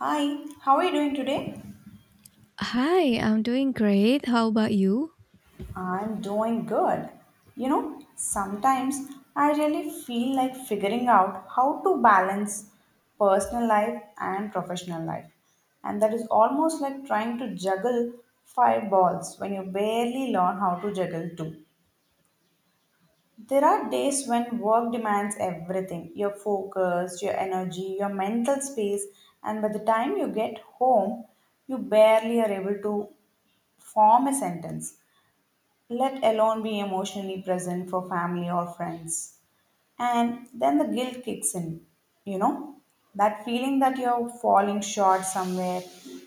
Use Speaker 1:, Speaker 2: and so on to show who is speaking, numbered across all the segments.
Speaker 1: Hi, how are you doing today?
Speaker 2: Hi, I'm doing great. How about you?
Speaker 1: I'm doing good. You know, sometimes I really feel like figuring out how to balance personal life and professional life. And that is almost like trying to juggle five balls when you barely learn how to juggle two. There are days when work demands everything, your focus, your energy, your mental space, and by the time you get home, you barely are able to form a sentence, let alone be emotionally present for family or friends. And then the guilt kicks in, you know, that feeling that you're falling short somewhere.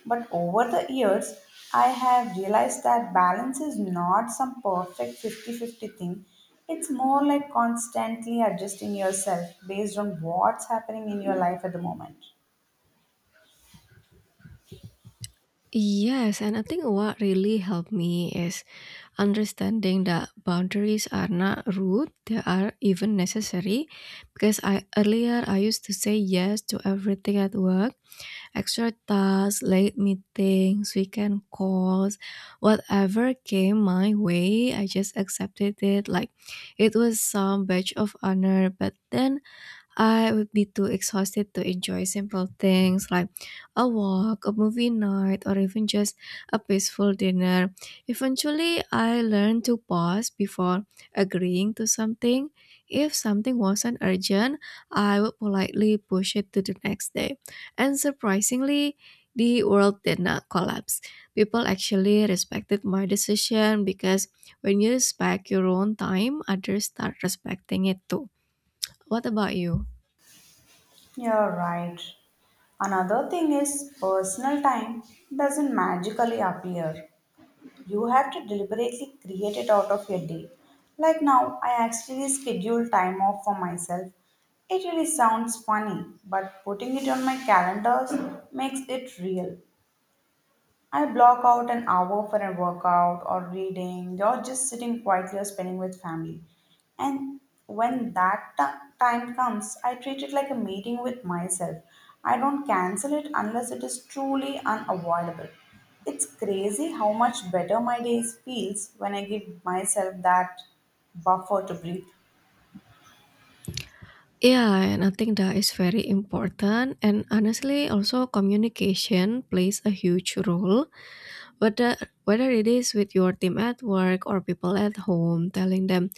Speaker 1: But over the years, I have realized that balance is not some perfect 50-50 thing. It's more like constantly adjusting yourself based on what's happening in your life at the moment.
Speaker 2: Yes, and I think what really helped me is understanding that boundaries are not rude, they are even necessary. Because I earlier I used to say yes to everything at work, extra tasks, late meetings, weekend calls, whatever came my way. I just accepted it like it was some badge of honor. But then I would be too exhausted to enjoy simple things like a walk, a movie night, or even just a peaceful dinner. Eventually, I learned to pause before agreeing to something. If something wasn't urgent, I would politely push it to the next day. And surprisingly, the world did not collapse. People actually respected my decision because when you respect your own time, others start respecting it too. What about you?
Speaker 1: You're right. Another thing is personal time doesn't magically appear. You have to deliberately create it out of your day. Like now, I actually schedule time off for myself. It really sounds funny, but putting it on my calendars makes it real. I block out an hour for a workout or reading or just sitting quietly or spending with family. And when that time comes, I treat it like a meeting with myself. I don't cancel it unless it is truly unavoidable. It's crazy how much better my days feels when I give myself that buffer to breathe.
Speaker 2: Yeah, and I think that is very important. And honestly, also communication plays a huge role. Whether whether it is with your team at work or people at home, telling them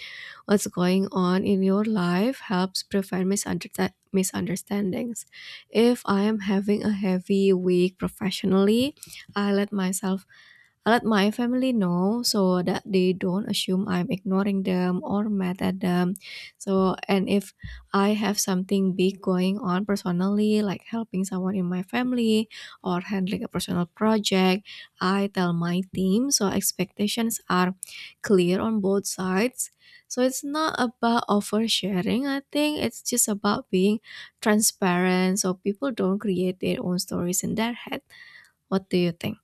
Speaker 2: what's going on in your life helps prevent misunderstandings. If I am having a heavy week professionally, I let myself I let my family know so that they don't assume I'm ignoring them or mad at them. So, and if I have something big going on personally, like helping someone in my family or handling a personal project, I tell my team so expectations are clear on both sides. So, it's not about oversharing, I think it's just about being transparent so people don't create their own stories in their head. What do you think?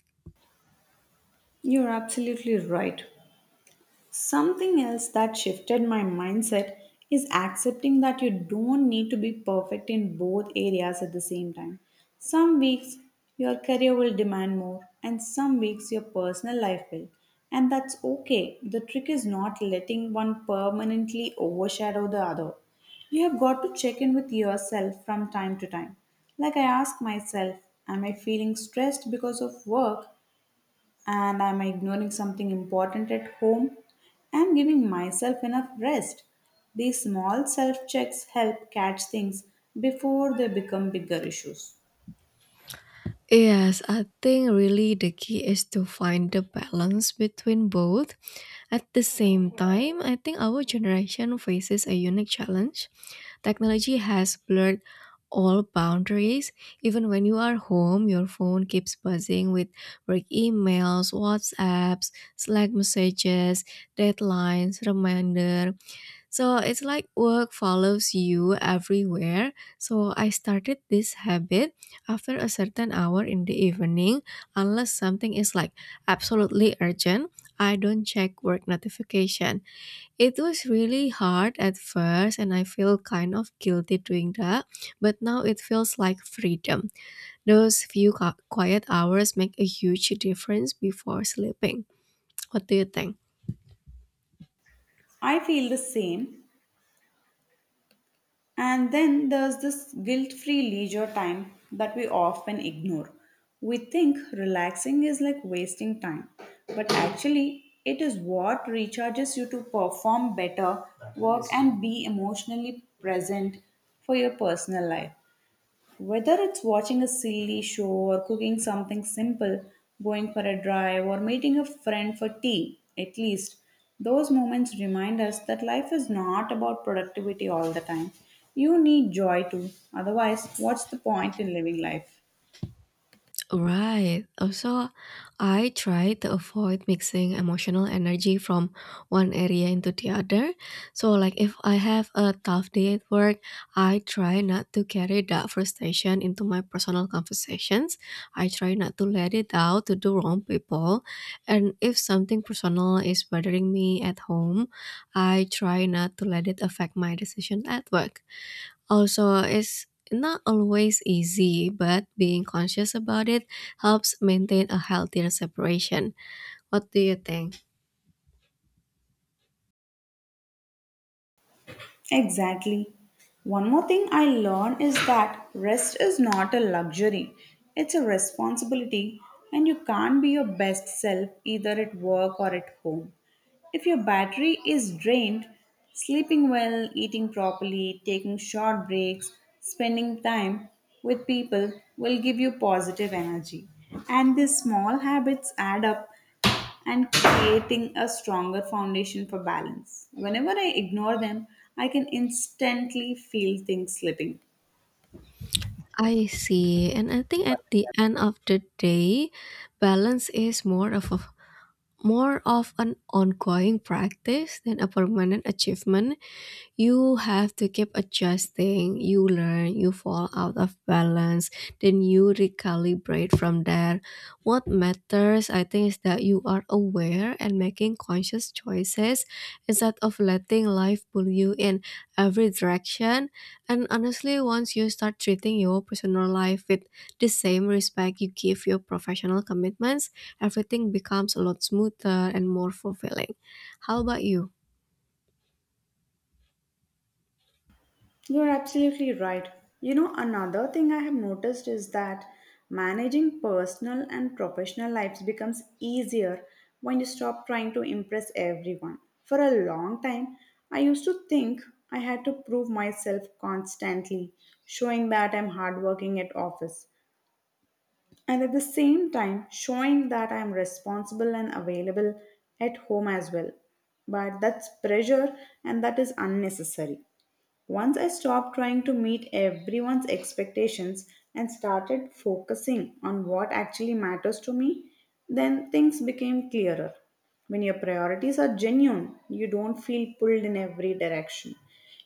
Speaker 1: You're absolutely right. Something else that shifted my mindset is accepting that you don't need to be perfect in both areas at the same time. Some weeks your career will demand more, and some weeks your personal life will. And that's okay. The trick is not letting one permanently overshadow the other. You have got to check in with yourself from time to time. Like I ask myself, am I feeling stressed because of work and I'm ignoring something important at home and giving myself enough rest. These small self checks help catch things before they become bigger issues.
Speaker 2: Yes, I think really the key is to find the balance between both. At the same time, I think our generation faces a unique challenge. Technology has blurred all boundaries. Even when you are home, your phone keeps buzzing with work emails, WhatsApps, Slack messages, deadlines, reminder, so it's like work follows you everywhere. So I started this habit: after a certain hour in the evening, unless something is like absolutely urgent, I don't check work notification. It was really hard at first and I feel kind of guilty doing that, but now it feels like freedom. Those few quiet hours make a huge difference before sleeping. What do you think?
Speaker 1: I feel the same, and then there's this guilt free leisure time that we often ignore. We think relaxing is like wasting time, but actually, it is what recharges you to perform better, work, and be emotionally present for your personal life. Whether it's watching a silly show or cooking something simple, going for a drive, or meeting a friend for tea, at least, those moments remind us that life is not about productivity all the time. You need joy too, otherwise, what's the point in living life?
Speaker 2: Right. Also, I try to avoid mixing emotional energy from one area into the other. So, like if I have a tough day at work, I try not to carry that frustration into my personal conversations. I try not to let it out to the wrong people. And if something personal is bothering me at home, I try not to let it affect my decision at work. Also, it's not always easy, but being conscious about it helps maintain a healthier separation. What do you think?
Speaker 1: Exactly. One more thing I learned is that rest is not a luxury, it's a responsibility, and you can't be your best self either at work or at home. If your battery is drained, sleeping well, eating properly, taking short breaks, spending time with people will give you positive energy. And these small habits add up and creating a stronger foundation for balance. Whenever I ignore them, I can instantly feel things slipping.
Speaker 2: I see. And I think at the end of the day, balance is more of an ongoing practice than a permanent achievement. You have to keep adjusting. You learn, you fall out of balance, then you recalibrate from there. What matters, I think, is that you are aware and making conscious choices instead of letting life pull you in every direction. And honestly, once you start treating your personal life with the same respect you give your professional commitments, everything becomes a lot smoother and more fulfilling. How about you?
Speaker 1: You're absolutely right. You know, another thing I have noticed is that managing personal and professional lives becomes easier when you stop trying to impress everyone. For a long time, I used to think I had to prove myself constantly, showing that I'm hardworking at office, and at the same time, showing that I'm responsible and available at home as well. But that's pressure and that is unnecessary. Once I stopped trying to meet everyone's expectations and started focusing on what actually matters to me, then things became clearer. When your priorities are genuine, you don't feel pulled in every direction.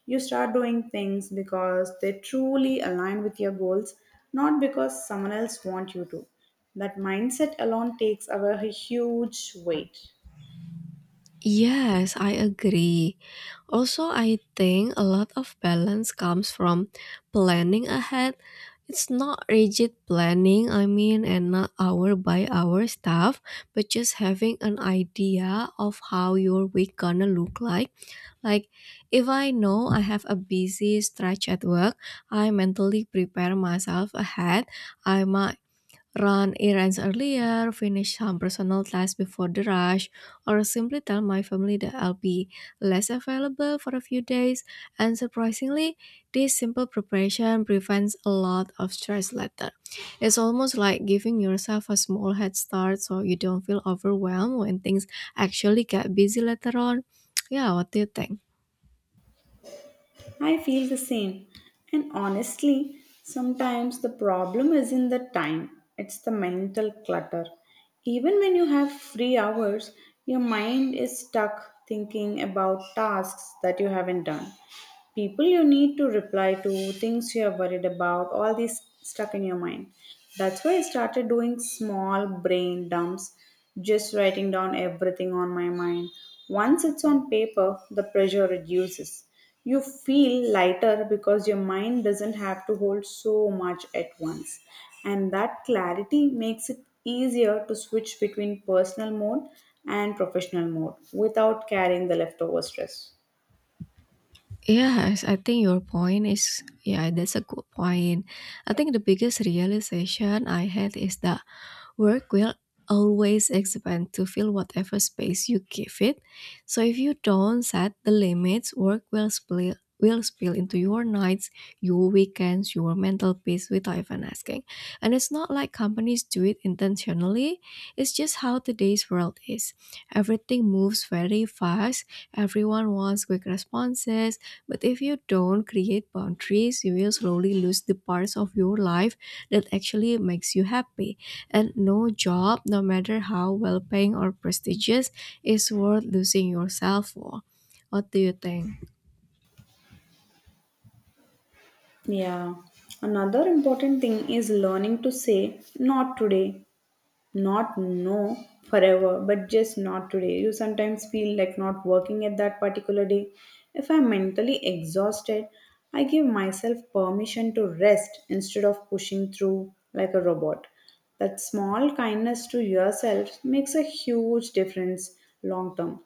Speaker 1: You start doing things because they truly align with your goals, not because someone else wants you to. That mindset alone takes away a huge weight.
Speaker 2: Yes, I agree. Also, I think a lot of balance comes from planning ahead. It's not rigid planning, I mean, and not hour by hour stuff, but just having an idea of how your week gonna look like. Like, if I know I have a busy stretch at work, I mentally prepare myself ahead. I might run errands earlier, finish some personal tasks before the rush, or simply tell my family that I'll be less available for a few days. And surprisingly, this simple preparation prevents a lot of stress later. It's almost like giving yourself a small head start so you don't feel overwhelmed when things actually get busy later on. Yeah, what do you think?
Speaker 1: I feel the same. And honestly, sometimes the problem isn't the time, it's the mental clutter. Even when you have free hours, your mind is stuck thinking about tasks that you haven't done, people you need to reply to, things you are worried about, all these stuck in your mind. That's why I started doing small brain dumps, just writing down everything on my mind. Once it's on paper, the pressure reduces. You feel lighter because your mind doesn't have to hold so much at once. And that clarity makes it easier to switch between personal mode and professional mode without carrying the leftover stress.
Speaker 2: Yes, I think your point is, yeah, that's a good point. I think the biggest realization I had is that work will always expand to fill whatever space you give it. So if you don't set the limits, work will spill into your nights, your weekends, your mental peace without even asking. And it's not like companies do it intentionally. It's just how today's world is. Everything moves very fast. Everyone wants quick responses. But if you don't create boundaries, you will slowly lose the parts of your life that actually makes you happy. And no job, no matter how well paying or prestigious, is worth losing yourself for. What do you think?
Speaker 1: Yeah. Another important thing is learning to say not today, not no forever, but just not today. You sometimes feel like not working at that particular day. If I'm mentally exhausted, I give myself permission to rest instead of pushing through like a robot. That small kindness to yourself makes a huge difference long term.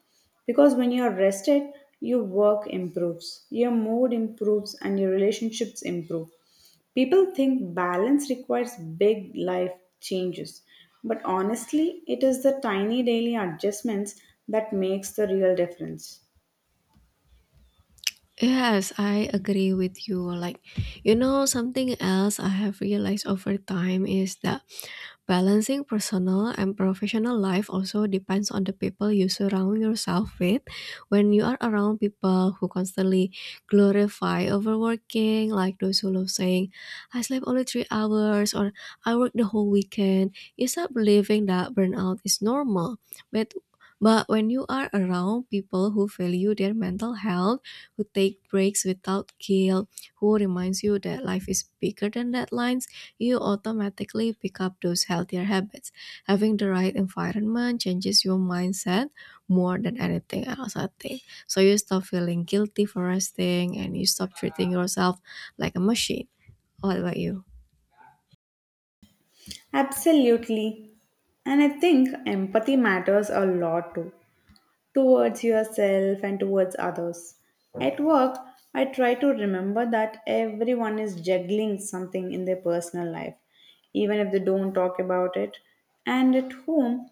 Speaker 1: Because when you're rested, your work improves, your mood improves, and your relationships improve. People think balance requires big life changes, but honestly, it is the tiny daily adjustments that makes the real difference.
Speaker 2: Yes, I agree with you. Like, you know, something else I have realized over time is that balancing personal and professional life also depends on the people you surround yourself with. When you are around people who constantly glorify overworking, like those who love saying, I slept only 3 hours or I worked the whole weekend, you start believing that burnout is normal. But but when you are around people who value their mental health, who take breaks without guilt, who reminds you that life is bigger than deadlines, you automatically pick up those healthier habits. Having the right environment changes your mindset more than anything else, I think. So you stop feeling guilty for resting and you stop treating yourself like a machine. What about you?
Speaker 1: Absolutely. And I think empathy matters a lot too, towards yourself and towards others. At work, I try to remember that everyone is juggling something in their personal life, even if they don't talk about it. And at home,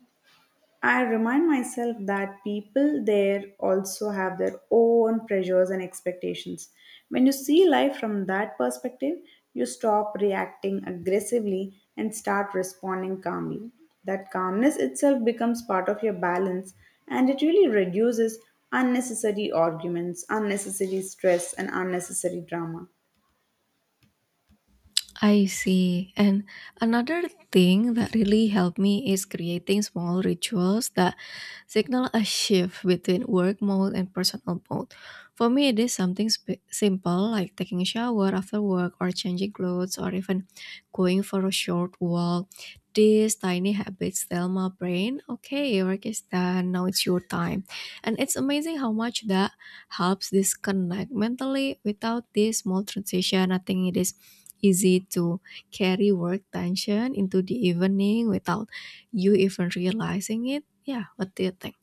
Speaker 1: I remind myself that people there also have their own pressures and expectations. When you see life from that perspective, you stop reacting aggressively and start responding calmly. That calmness itself becomes part of your balance and it really reduces unnecessary arguments, unnecessary stress, and unnecessary drama.
Speaker 2: I see. And another thing that really helped me is creating small rituals that signal a shift between work mode and personal mode. For me, it is something simple, like taking a shower after work or changing clothes or even going for a short walk. These tiny habits tell my brain, okay, work is done, now it's your time. And it's amazing how much that helps disconnect mentally. Without this small transition, I think it is easy to carry work tension into the evening without you even realizing it. Yeah, what do you think?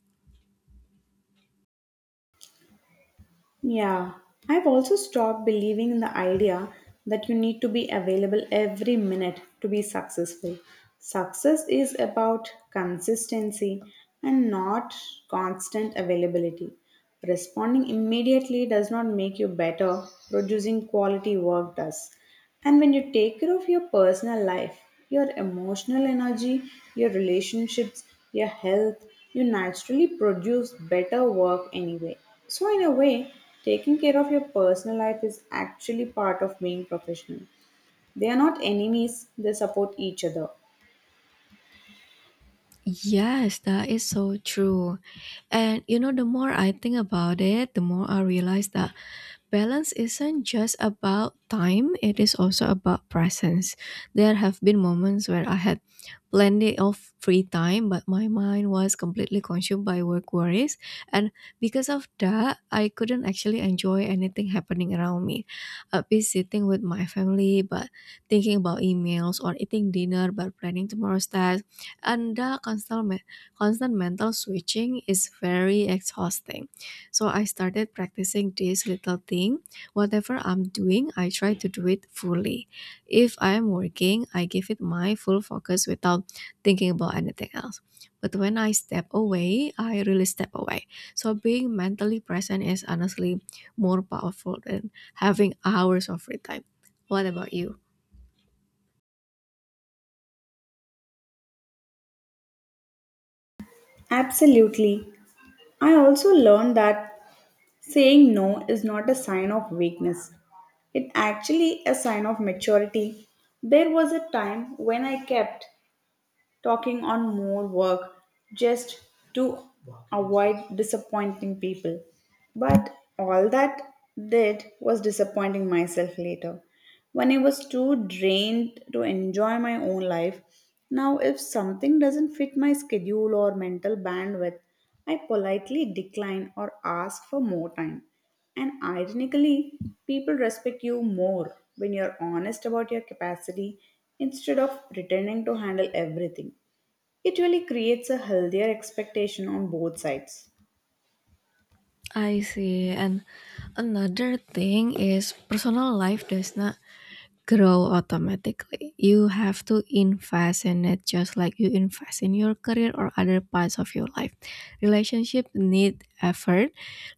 Speaker 1: Yeah, I've also stopped believing in the idea that you need to be available every minute to be successful. Success is about consistency and not constant availability. Responding immediately does not make you better, producing quality work does. And when you take care of your personal life, your emotional energy, your relationships, your health, you naturally produce better work anyway. So, in a way, taking care of your personal life is actually part of being professional. They are not enemies, they support each other.
Speaker 2: Yes, that is so true. And you know, the more I think about it, the more I realize that balance isn't just about time, it is also about presence. There have been moments where I had plenty of free time, but my mind was completely consumed by work worries. And because of that, I couldn't actually enjoy anything happening around me. I'd be sitting with my family, but thinking about emails, or eating dinner, but planning tomorrow's task. And the constant mental switching is very exhausting. So I started practicing this little thing. Whatever I'm doing, I try to do it fully. If I'm working, I give it my full focus without thinking about anything else. But when I step away, I really step away. So being mentally present is honestly more powerful than having hours of free time. What about you?
Speaker 1: Absolutely. I also learned that saying no is not a sign of weakness. It actually a sign of maturity. There was a time when I kept talking on more work just to avoid disappointing people. But all that did was disappointing myself later. When I was too drained to enjoy my own life, now if something doesn't fit my schedule or mental bandwidth, I politely decline or ask for more time. And ironically, people respect you more when you're honest about your capacity instead of pretending to handle everything. It really creates a healthier expectation on both sides.
Speaker 2: I see. And another thing is personal life does not grow automatically. You have to invest in it just like you invest in your career or other parts of your life. Relationship need effort,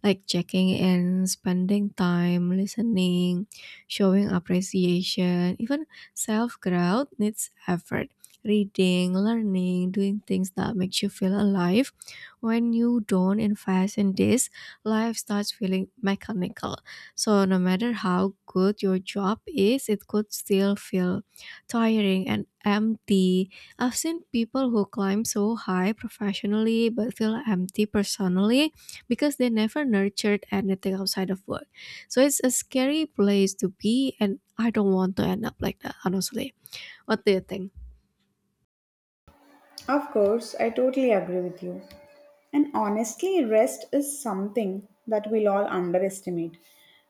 Speaker 2: like checking in, spending time, listening, showing appreciation. Even self-growth needs effort. Reading, learning, doing things that makes you feel alive. When you don't invest in this, life starts feeling mechanical. So, no matter how good your job is, it could still feel tiring and empty. I've seen people who climb so high professionally but feel empty personally because they never nurtured anything outside of work. So, it's a scary place to be, and I don't want to end up like that, honestly. What do you think?
Speaker 1: Of course, I totally agree with you. And honestly, rest is something that we'll all underestimate.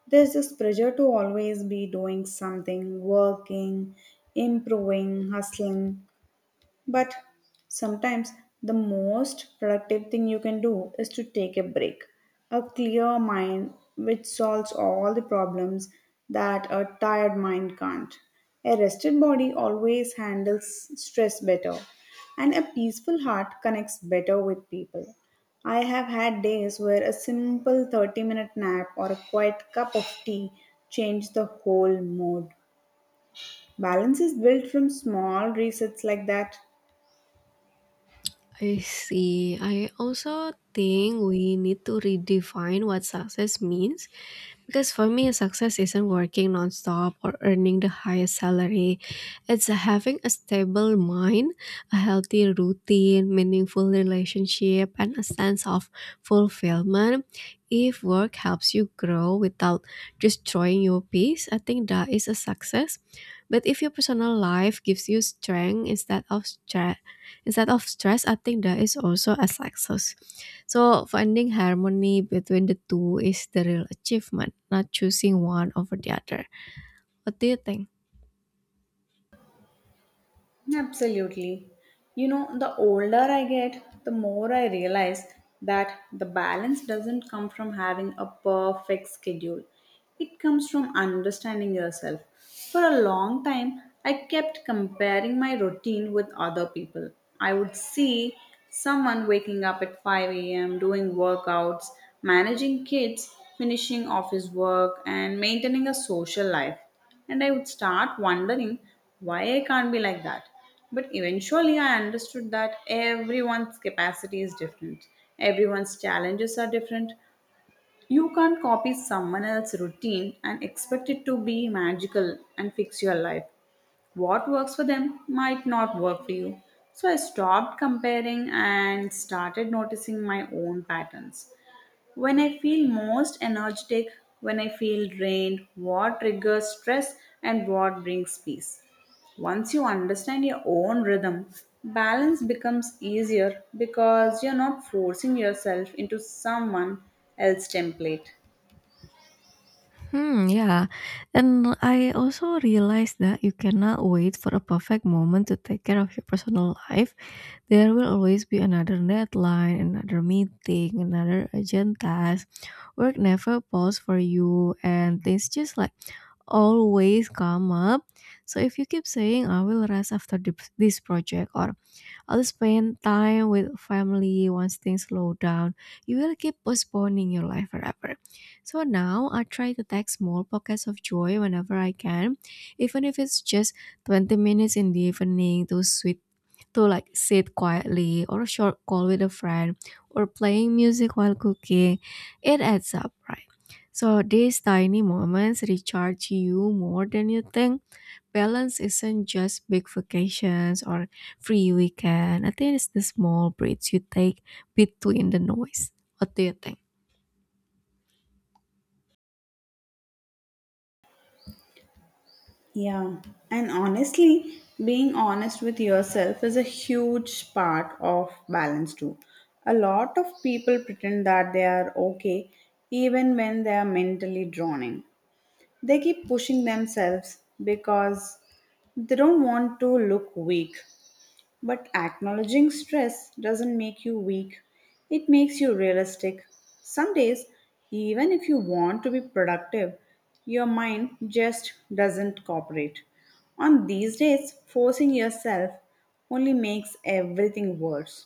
Speaker 1: There's this pressure to always be doing something, working, improving, hustling. But sometimes the most productive thing you can do is to take a break. A clear mind, which solves all the problems that a tired mind can't. A rested body always handles stress better, and a peaceful heart connects better with people. I have had days where a simple 30-minute nap or a quiet cup of tea changed the whole mood. Balance is built from small resets like that.
Speaker 2: I see. I also think we need to redefine what success means. Because for me, success isn't working nonstop or earning the highest salary. It's having a stable mind, a healthy routine, meaningful relationship, and a sense of fulfillment. If work helps you grow without destroying your peace, I think that is a success. But if your personal life gives you strength instead of stress, I think that is also a success. So, finding harmony between the two is the real achievement, not choosing one over the other. What do you think?
Speaker 1: Absolutely. You know, the older I get, the more I realize that the balance doesn't come from having a perfect schedule. It comes from understanding yourself. For a long time, I kept comparing my routine with other people. I would see someone waking up at 5 a.m., doing workouts, managing kids, finishing office work, and maintaining a social life and I would start wondering why I can't be like that. But eventually, I understood that everyone's capacity is different, everyone's challenges are different. You can't copy someone else's routine and expect it to be magical and fix your life. What works for them might not work for you. So I stopped comparing and started noticing my own patterns. When I feel most energetic, when I feel drained, what triggers stress and what brings peace. Once you understand your own rhythm, balance becomes easier because you're not forcing yourself into someone else's template.
Speaker 2: Hmm, yeah. And I also realized that you cannot wait for a perfect moment to take care of your personal life. There will always be another deadline, another meeting, another urgent task. Work never pause for you, and things just like always come up. So if you keep saying, I will rest after this project, or I'll spend time with family once things slow down, you will keep postponing your life forever. So now I try to take small pockets of joy whenever I can, even if it's just 20 minutes in the evening to like sit quietly, or a short call with a friend, or playing music while cooking. It adds up, right? So these tiny moments recharge you more than you think. Balance isn't just big vacations or free weekend. I think it's the small breaks you take between the noise. What do you think?
Speaker 1: Yeah, and honestly, being honest with yourself is a huge part of balance too. A lot of people pretend that they are okay even when they are mentally drowning. They keep pushing themselves because they don't want to look weak. But acknowledging stress doesn't make you weak, it makes you realistic. Some days, even if you want to be productive, your mind just doesn't cooperate. On these days, forcing yourself only makes everything worse.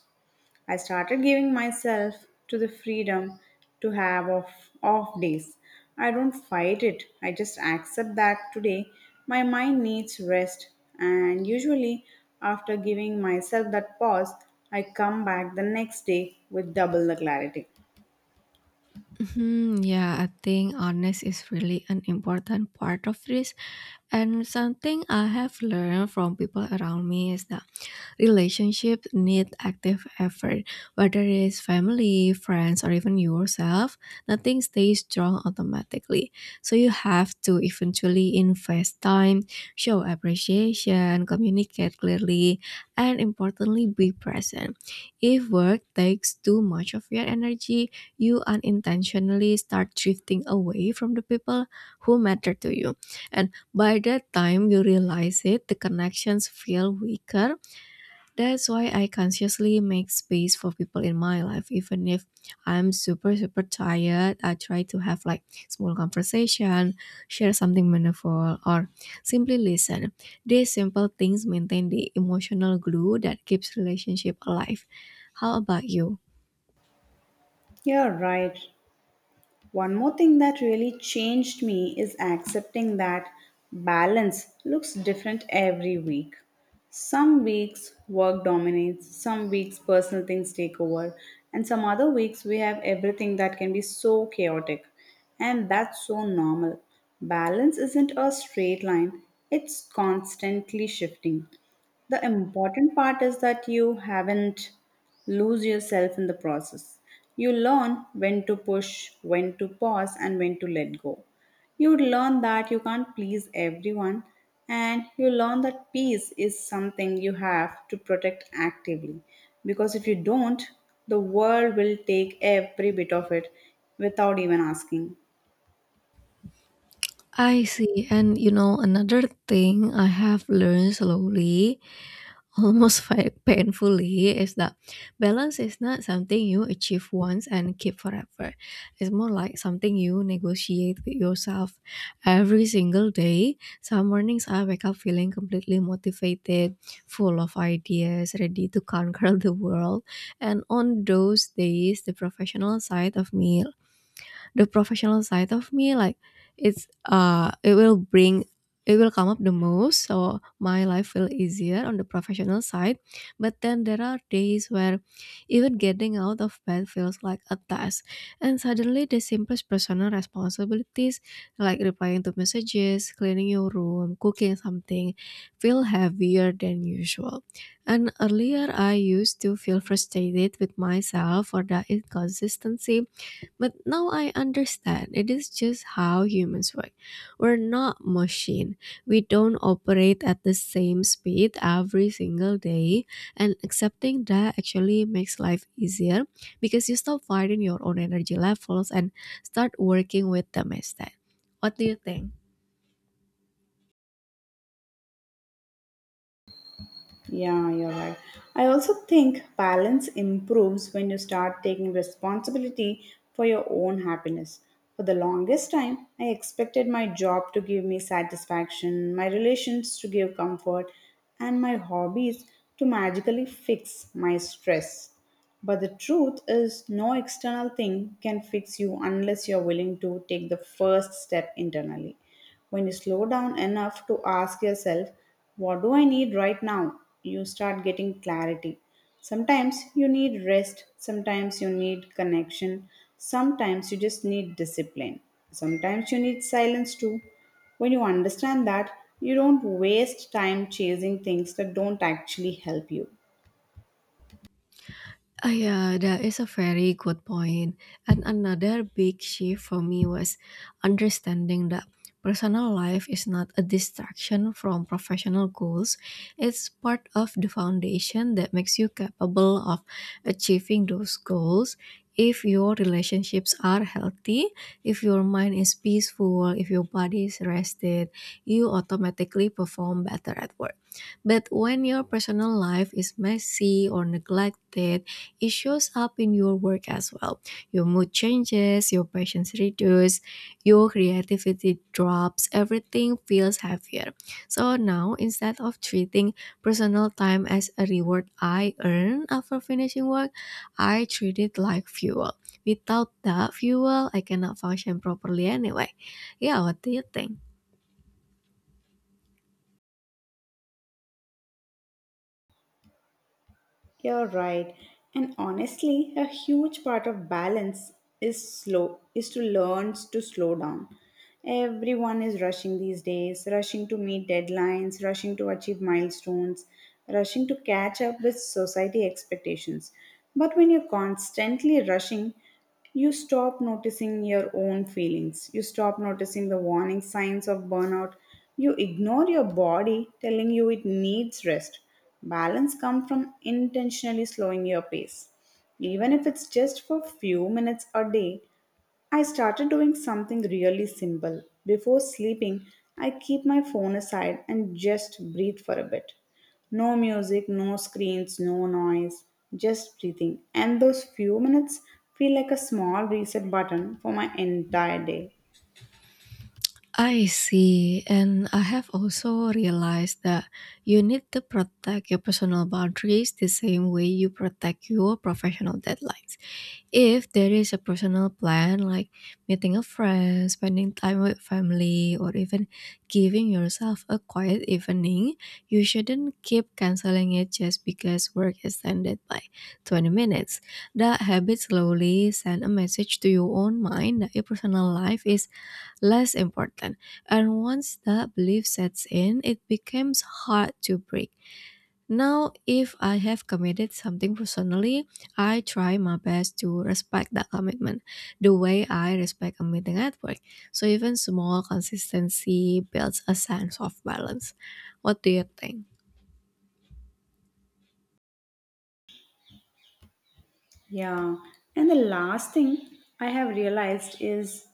Speaker 1: I started giving myself to the freedom to have off days. I don't fight it. I just accept that today my mind needs rest. And usually, after giving myself that pause, I come back the next day with double the clarity.
Speaker 2: Mhm, yeah, I think honest is really an important part of this. And something I have learned from people around me is that relationships need active effort, whether it's family, friends, or even yourself. Nothing stays strong automatically. So you have to eventually invest time, show appreciation, communicate clearly, and importantly, be present. If work takes too much of your energy, you unintentionally start drifting away from the people who matter to you. And by the time you realize it, the connections feel weaker. That's why I consciously make space for people in my life, even if I'm super, super tired. I try to have like small conversation, share something meaningful, or simply listen. These simple things maintain the emotional glue that keeps relationship alive. How about you?
Speaker 1: You're right. One more thing that really changed me is accepting that balance looks different every week. Some weeks work dominates, some weeks personal things take over, and some other weeks we have everything that can be so chaotic. And that's so normal. Balance isn't a straight line, it's constantly shifting. The important part is that you haven't lose yourself in the process. You learn when to push, when to pause, and when to let go. You learn that you can't please everyone, and you learn that peace is something you have to protect actively, because if you don't, the world will take every bit of it without even asking.
Speaker 2: I see. And you know, another thing I have learned slowly, painfully, is that balance is not something you achieve once and keep forever. It's more like something you negotiate with yourself every single day. Some mornings I wake up feeling completely motivated, full of ideas, ready to conquer the world. And on those days, the professional side of me, like it's uh it will bring it will come up the most, so my life will easier on the professional side. But then there are days where even getting out of bed feels like a task, and suddenly the simplest personal responsibilities, like replying to messages, cleaning your room, cooking something, feel heavier than usual. And earlier I used to feel frustrated with myself for the inconsistency, but now I understand it is just how humans work. We're not machine. We don't operate at the same speed every single day, and accepting that actually makes life easier, because you stop fighting your own energy levels and start working with them instead. What do you think?
Speaker 1: Yeah, you're right. I also think balance improves when you start taking responsibility for your own happiness. For the longest time, I expected my job to give me satisfaction, my relations to give comfort, and my hobbies to magically fix my stress. But the truth is, no external thing can fix you unless you're willing to take the first step internally. When you slow down enough to ask yourself, what do I need right now? You start getting clarity. Sometimes you need rest, sometimes you need connection, sometimes you just need discipline, sometimes you need silence too. When you understand that, you don't waste time chasing things that don't actually help you.
Speaker 2: Ah, yeah, that is a very good point. And another big shift for me was understanding that personal life is not a distraction from professional goals. It's part of the foundation that makes you capable of achieving those goals. If your relationships are healthy, if your mind is peaceful, if your body is rested, you automatically perform better at work. But when your personal life is messy or neglected, it shows up in your work as well. Your mood changes, your patience reduces, your creativity drops, everything feels heavier. So now, instead of treating personal time as a reward I earn after finishing work, I treat it like fuel. Without that fuel, I cannot function properly anyway. Yeah, what do you think?
Speaker 1: You're right. And honestly, a huge part of balance is to learn to slow down. Everyone is rushing these days, rushing to meet deadlines, rushing to achieve milestones, rushing to catch up with society expectations. But when you're constantly rushing, you stop noticing your own feelings. You stop noticing the warning signs of burnout. You ignore your body telling you it needs rest. Balance comes from intentionally slowing your pace. Even if it's just for few minutes a day, I started doing something really simple. Before sleeping, I keep my phone aside and just breathe for a bit. No music, no screens, no noise, just breathing. And those few minutes feel like a small reset button for my entire day.
Speaker 2: I see, and I have also realized that you need to protect your personal boundaries the same way you protect your professional deadlines. If there is a personal plan like meeting a friend, spending time with family, or even giving yourself a quiet evening, you shouldn't keep canceling it just because work is ended by 20 minutes. That habit slowly send a message to your own mind that your personal life is less important. And once that belief sets in, it becomes hard to break. Now, if I have committed something personally, I try my best to respect that commitment the way I respect a meeting at work. So, even small consistency builds a sense of balance. What do you think?
Speaker 1: Yeah. And the last thing I have realized is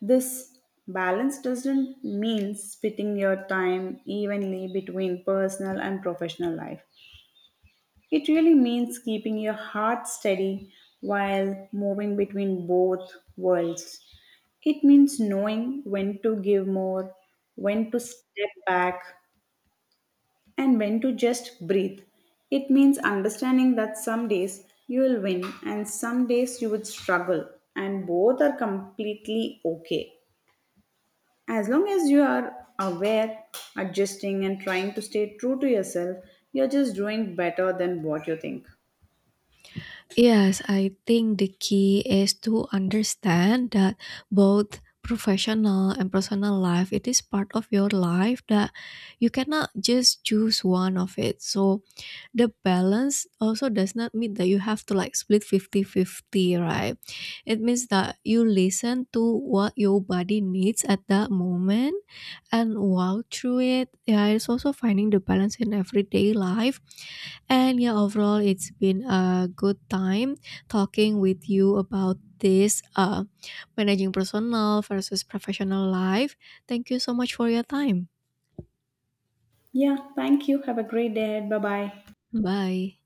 Speaker 1: this: balance doesn't mean splitting your time evenly between personal and professional life. It really means keeping your heart steady while moving between both worlds. It means knowing when to give more, when to step back, and when to just breathe. It means understanding that some days you will win and some days you would struggle, and both are completely okay. As long as you are aware, adjusting, and trying to stay true to yourself, you're just doing better than what you think.
Speaker 2: Yes, I think the key is to understand that both professional and personal life, it is part of your life that you cannot just choose one of it. So the balance also does not mean that you have to like split fifty-fifty, right? It means that you listen to what your body needs at that moment and walk through it. Yeah, it's also finding the balance in everyday life. And yeah, overall, it's been a good time talking with you about this, managing personal versus professional life. Thank you so much for your time.
Speaker 1: Yeah, thank you. Have a great day. Bye bye.
Speaker 2: Bye.